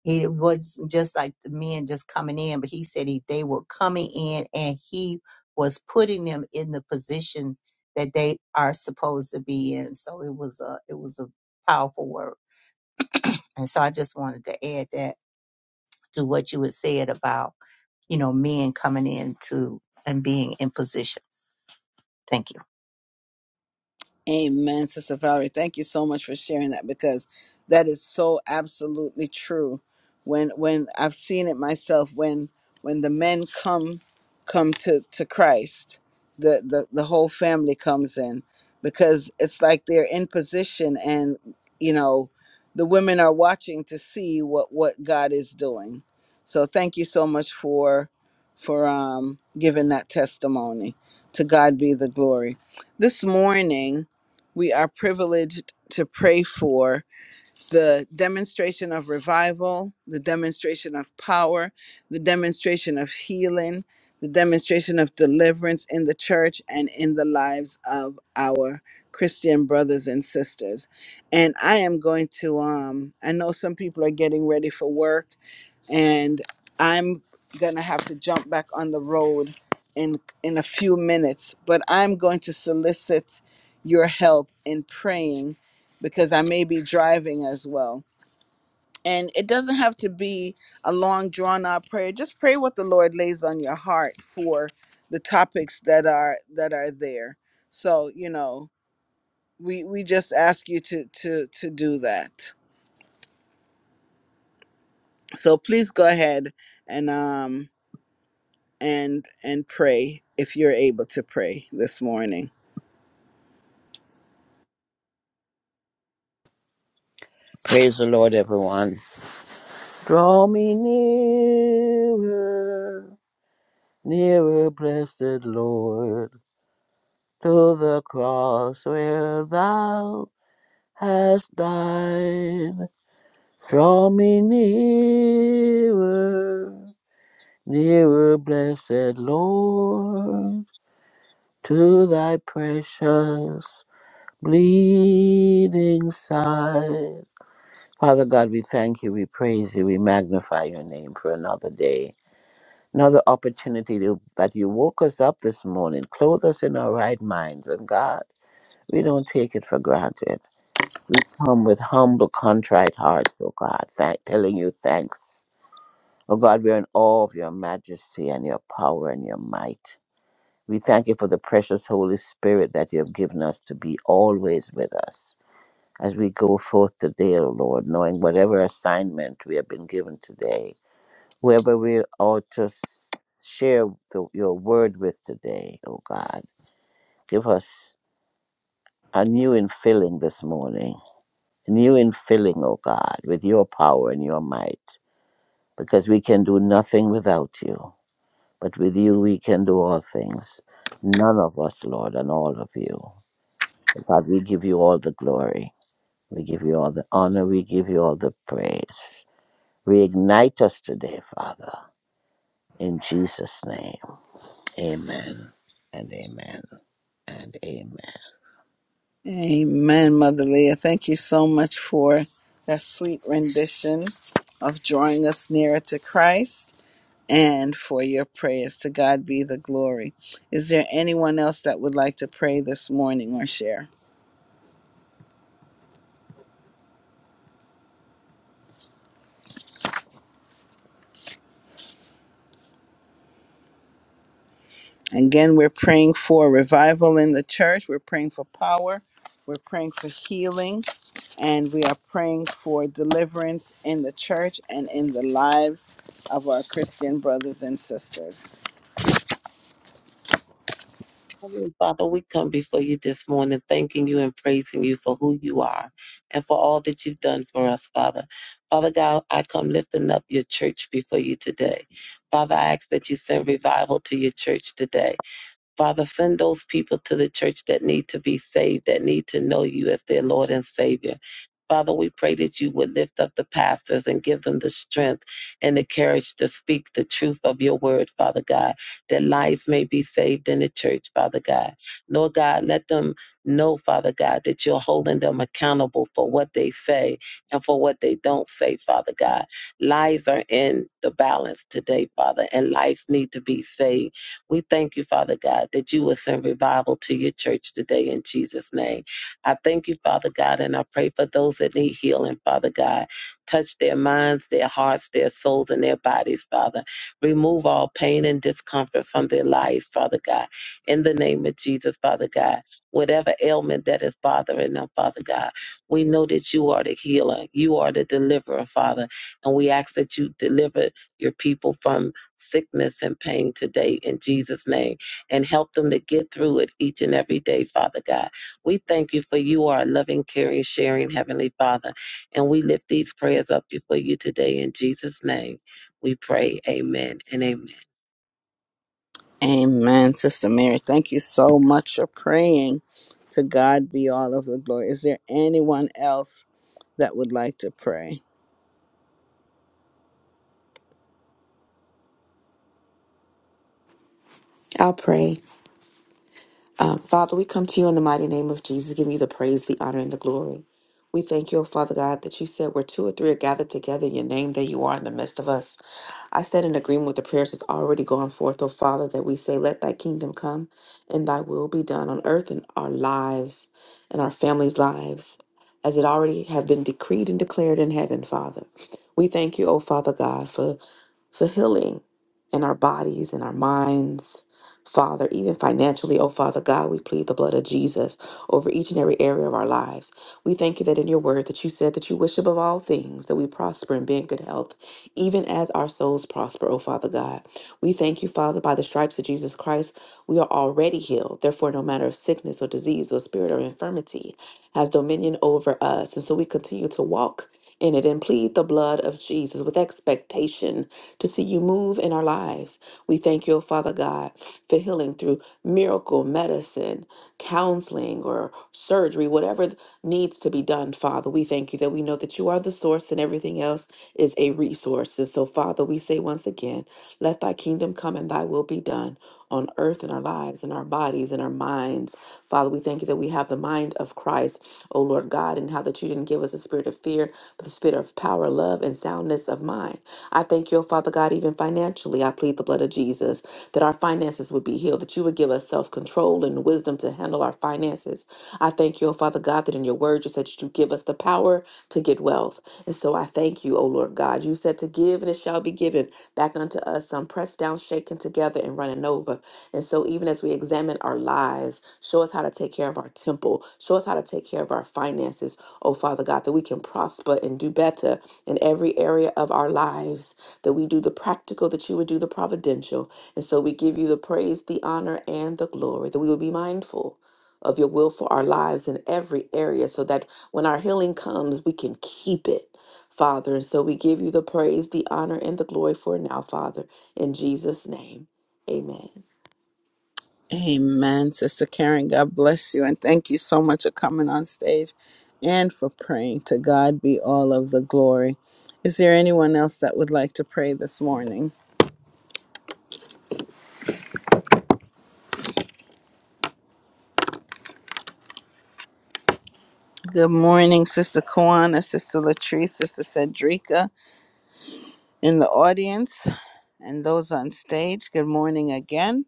E: it was just like the men just coming in, but he said he, they were coming in and he was putting them in the position that they are supposed to be in. So it was a it was a powerful word. And so I just wanted to add that to what you had said about, you know, men coming into and being in position. Thank you.
A: Amen, Sister Valerie. Thank you so much for sharing that because that is so absolutely true. When when I've seen it myself, when when the men come come to to Christ, the the, the whole family comes in because it's like they're in position and you know the women are watching to see what what God is doing. So thank you so much for for um giving that testimony. To God be the glory. This morning we are privileged to pray for the demonstration of revival, the demonstration of power, the demonstration of healing, the demonstration of deliverance in the church and in the lives of our Christian brothers and sisters. And I am going to um I know some people are getting ready for work and I'm gonna have to jump back on the road in in a few minutes. But I'm going to solicit your help in praying because I may be driving as well. And it doesn't have to be a long drawn out prayer. Just pray what the Lord lays on your heart for the topics that are that are there. So, you know, we we just ask you to to to do that. So please go ahead and um. and and pray if you're able to pray this morning.
F: Praise the Lord, everyone. Draw me nearer, nearer, blessed Lord, to the cross where thou hast died. Draw me nearer, nearer, blessed Lord, to thy precious bleeding side. Father God, we thank you, we praise you, we magnify your name for another day. Another opportunity to, that you woke us up this morning, clothe us in our right minds. And God, we don't take it for granted. We come with humble, contrite hearts, oh God, thank, telling you thanks. Oh God, we're in awe of your majesty and your power and your might. We thank you for the precious Holy Spirit that you have given us to be always with us as we go forth today, O Lord, knowing whatever assignment we have been given today whoever we are to s- share the, your word with today, oh God. Give us a new infilling this morning, a new infilling, oh God, with your power and your might, because we can do nothing without you, but with you we can do all things. None of us, Lord, and all of you. God, we give you all the glory. We give you all the honor. We give you all the praise. Reignite us today, Father, in Jesus' name. Amen and amen and amen.
A: Amen, Mother Leah. Thank you so much for that sweet rendition of drawing us nearer to Christ and for your prayers. To God be the glory. Is there anyone else that would like to pray this morning or share? Again, we're praying for revival in the church. We're praying for power. We're praying for healing. And we are praying for deliverance in the church and in the lives of our Christian brothers and sisters.
C: Heavenly Father, we come before you this morning, thanking you and praising you for who you are and for all that you've done for us, Father. Father God, I come lifting up your church before you today. Father, I ask that you send revival to your church today. Father, send those people to the church that need to be saved, that need to know you as their Lord and Savior. Father, we pray that you would lift up the pastors and give them the strength and the courage to speak the truth of your word, Father God, that lives may be saved in the church, Father God. Lord God, let them know, Father God, that you're holding them accountable for what they say and for what they don't say, Father God. Lives are in the balance today, Father, and lives need to be saved. We thank you, Father God, that you will send revival to your church today in Jesus' name. I thank you, Father God, and I pray for those that need healing, Father God. Touch their minds, their hearts, their souls, and their bodies, Father. Remove all pain and discomfort from their lives, Father God. In the name of Jesus, Father God, whatever ailment that is bothering them, Father God, we know that you are the healer, you are the deliverer, Father, and we ask that you deliver your people from sickness and pain today in Jesus' name and help them to get through it each and every day, Father God. We thank you for you are a loving, caring, sharing Heavenly Father. And we lift these prayers up before you today in Jesus' name. We pray, Amen and Amen.
A: Amen. Sister Mary, thank you so much for praying. To God be all of the glory. Is there anyone else that would like to pray?
G: I'll pray. Uh, Father, we come to you in the mighty name of Jesus, giving you the praise, the honor, and the glory. We thank you, O Father God, that you said where two or three are gathered together in your name, that you are in the midst of us. I stand in agreement with the prayers that's already gone forth, O Father, that we say, Let thy kingdom come and thy will be done on earth in our lives and our families' lives, as it already have been decreed and declared in heaven, Father. We thank you, O Father God, for for healing in our bodies, in our minds. Father, even financially, oh Father God, we plead the blood of Jesus over each and every area of our lives. We thank you that in your word that you said that you wish above all things that we prosper and be in good health, even as our souls prosper, oh Father God. We thank you, Father, by the stripes of Jesus Christ, we are already healed. Therefore, no matter of sickness or disease or spirit or infirmity has dominion over us. And so we continue to walk in it and plead the blood of Jesus with expectation to see you move in our lives. We thank you, oh Father God, for healing through miracle medicine, counseling, or surgery, whatever th- needs to be done, Father. We thank you that we know that you are the source and everything else is a resource. And so, Father, we say once again, let thy kingdom come and thy will be done on earth in our lives, in our bodies, in our minds. Father, we thank you that we have the mind of Christ, O Lord God, and how that you didn't give us a spirit of fear, but the spirit of power, love, and soundness of mind. I thank you, O Father God, even financially. I plead the blood of Jesus that our finances would be healed, that you would give us self control and wisdom to handle our finances. I thank you, O Father God, that in your word you said that you give us the power to get wealth. And so I thank you, O Lord God. You said to give and it shall be given back unto us, some pressed down, shaken together, and running over. And so even as we examine our lives, show us how to take care of our temple, show us how to take care of our finances, O Father God, that we can prosper and do better in every area of our lives, that we do the practical, that you would do the providential. And so we give you the praise, the honor, and the glory, that we will be mindful of your will for our lives in every area so that when our healing comes, we can keep it, Father. And so we give you the praise, the honor, and the glory for it now, Father. In Jesus' name, amen.
A: Amen, Sister Karen. God bless you. And thank you so much for coming on stage and for praying. To God be all of the glory. Is there anyone else that would like to pray this morning? Good morning, Sister Kwana, Sister Latrice, Sister Cedrica in the audience, and those on stage. Good morning again.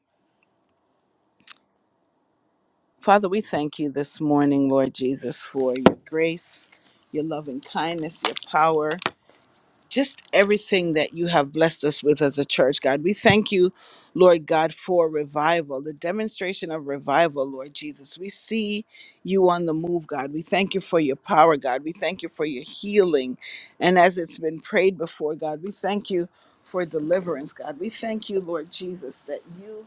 A: Father, we thank you this morning, Lord Jesus, for your grace, your loving kindness, your power. just everything that you have blessed us with as a church, God. We thank you, Lord God, for revival, the demonstration of revival, Lord Jesus. We see you on the move, God. We thank you for your power, God. We thank you for your healing. And as it's been prayed before, God, we thank you for deliverance, God. We thank you, Lord Jesus, that you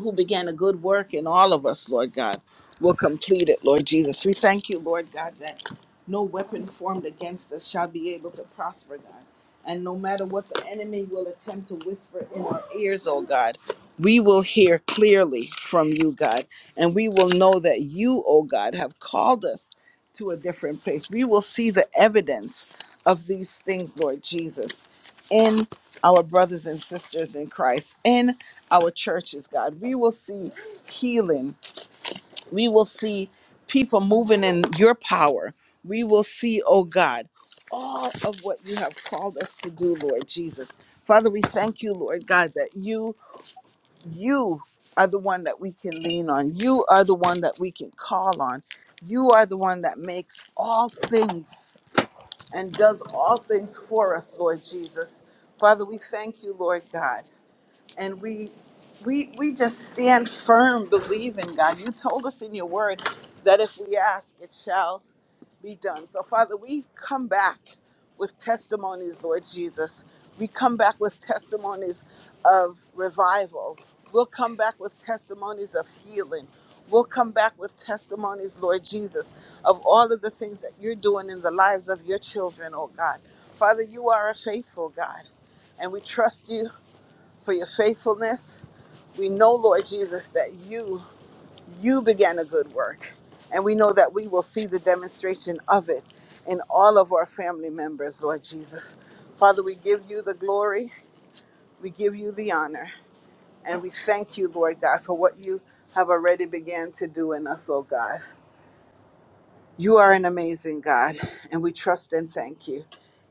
A: who began a good work in all of us, Lord God, will complete it, Lord Jesus. We thank you, Lord God, that no weapon formed against us shall be able to prosper, God. And no matter what the enemy will attempt to whisper in our ears, oh God, we will hear clearly from you, God. And we will know that you, oh God, have called us to a different place. We will see the evidence of these things, Lord Jesus, in our brothers and sisters in Christ, in our churches, God. We will see healing. We will see people moving in your power. We will see, oh God, all of what you have called us to do, Lord Jesus. Father, we thank you, Lord God, that you, you are the one that we can lean on. You are the one that we can call on. You are the one that makes all things and does all things for us, Lord Jesus. Father, we thank you, Lord God and we we we just stand firm believing god you told us in your word that if we ask it shall be done so father we come back with testimonies lord jesus we come back with testimonies of revival we'll come back with testimonies of healing we'll come back with testimonies lord jesus of all of the things that you're doing in the lives of your children oh god father you are a faithful god and we trust you for your faithfulness. We know, Lord Jesus, that you you began a good work, and we know that we will see the demonstration of it in all of our family members, Lord Jesus. Father, we give you the glory, we give you the honor, and we thank you, Lord God, for what you have already began to do in us, oh God. You are an amazing God, and we trust and thank you.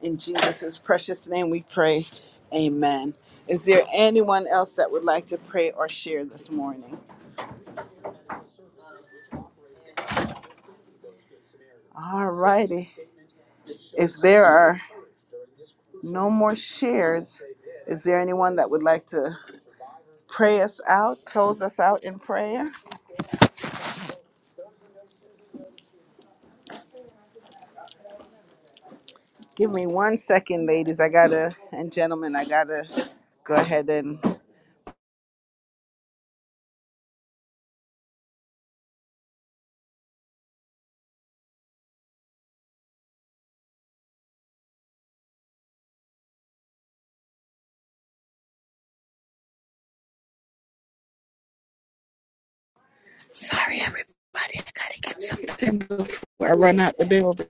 A: In Jesus' precious name we pray. Amen. Is there anyone else that would like to pray or share this morning? All righty. If there are no more shares, is there anyone that would like to pray us out, close us out in prayer? Give me one second, ladies. I gotta, and gentlemen, I gotta go ahead and. Sorry, everybody. I gotta get something before I run out the building.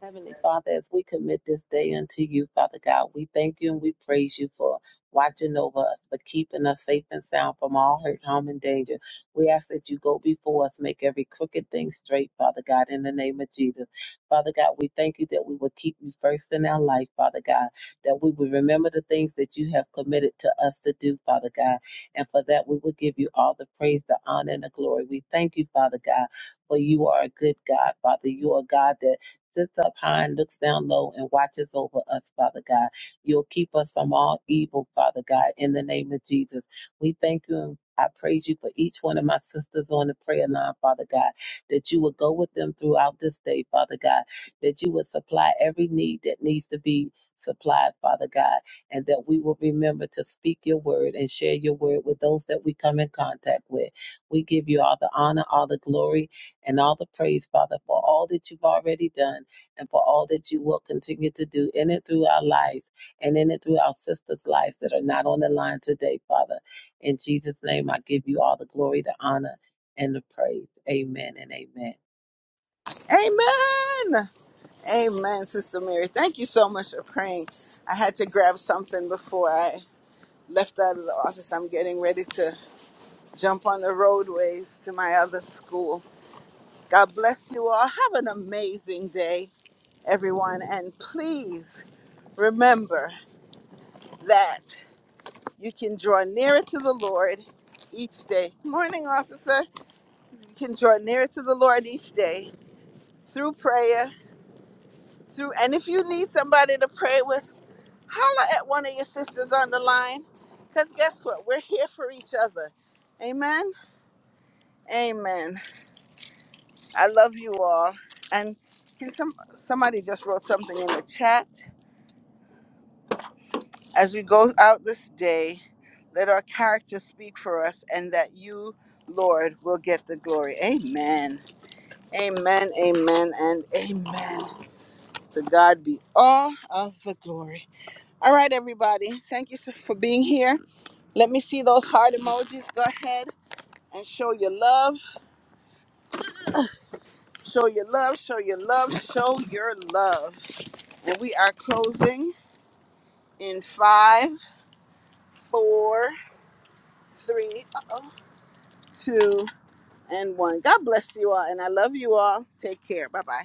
C: Heavenly Father, as we commit this day unto you, Father God, we thank you and we praise you for watching over us, for keeping us safe and sound from all hurt, harm, and danger. We ask that you go before us, make every crooked thing straight, Father God, in the name of Jesus. Father God, we thank you that we will keep you first in our life, Father God, that we will remember the things that you have committed to us to do, Father God. And for that, we will give you all the praise, the honor, and the glory. We thank you, Father God, for you are a good God, Father. You are a God that sits up high and looks down low and watches over us, Father God. You'll keep us from all evil, Father God, in the name of Jesus. We thank you and I praise you for each one of my sisters on the prayer line, Father God, that you would go with them throughout this day, Father God, that you would supply every need that needs to be supplied, Father God, and that we will remember to speak your word and share your word with those that we come in contact with. We give you all the honor, all the glory, and all the praise, Father, for all that you've already done and for all that you will continue to do in and through our life and in and through our sisters' lives that are not on the line today, Father. In Jesus' name, I give you all the glory, the honor, and the praise. Amen and amen.
A: Amen. Amen, Sister Mary. Thank you so much for praying. I had to grab something before I left out of the office. I'm getting ready to jump on the roadways to my other school. God bless you all. Have an amazing day, everyone. And please remember that you can draw nearer to the Lord each day. Morning, officer. You can draw nearer to the Lord each day through prayer, through and if you need somebody to pray with, holler at one of your sisters on the line. Because guess what? We're here for each other. Amen. Amen. I love you all. And can some somebody just wrote something in the chat? As we go out this day, let our character speak for us, and that you, Lord, will get the glory. Amen. Amen. Amen. And amen. To God be all of the glory. All right, everybody. Thank you so- for being here. Let me see those heart emojis. Go ahead and show your love. Show your love. Show your love. Show your love. And we are closing. in five, four, three, uh-oh, two, and one. God bless you all, and I love you all. Take care. Bye bye.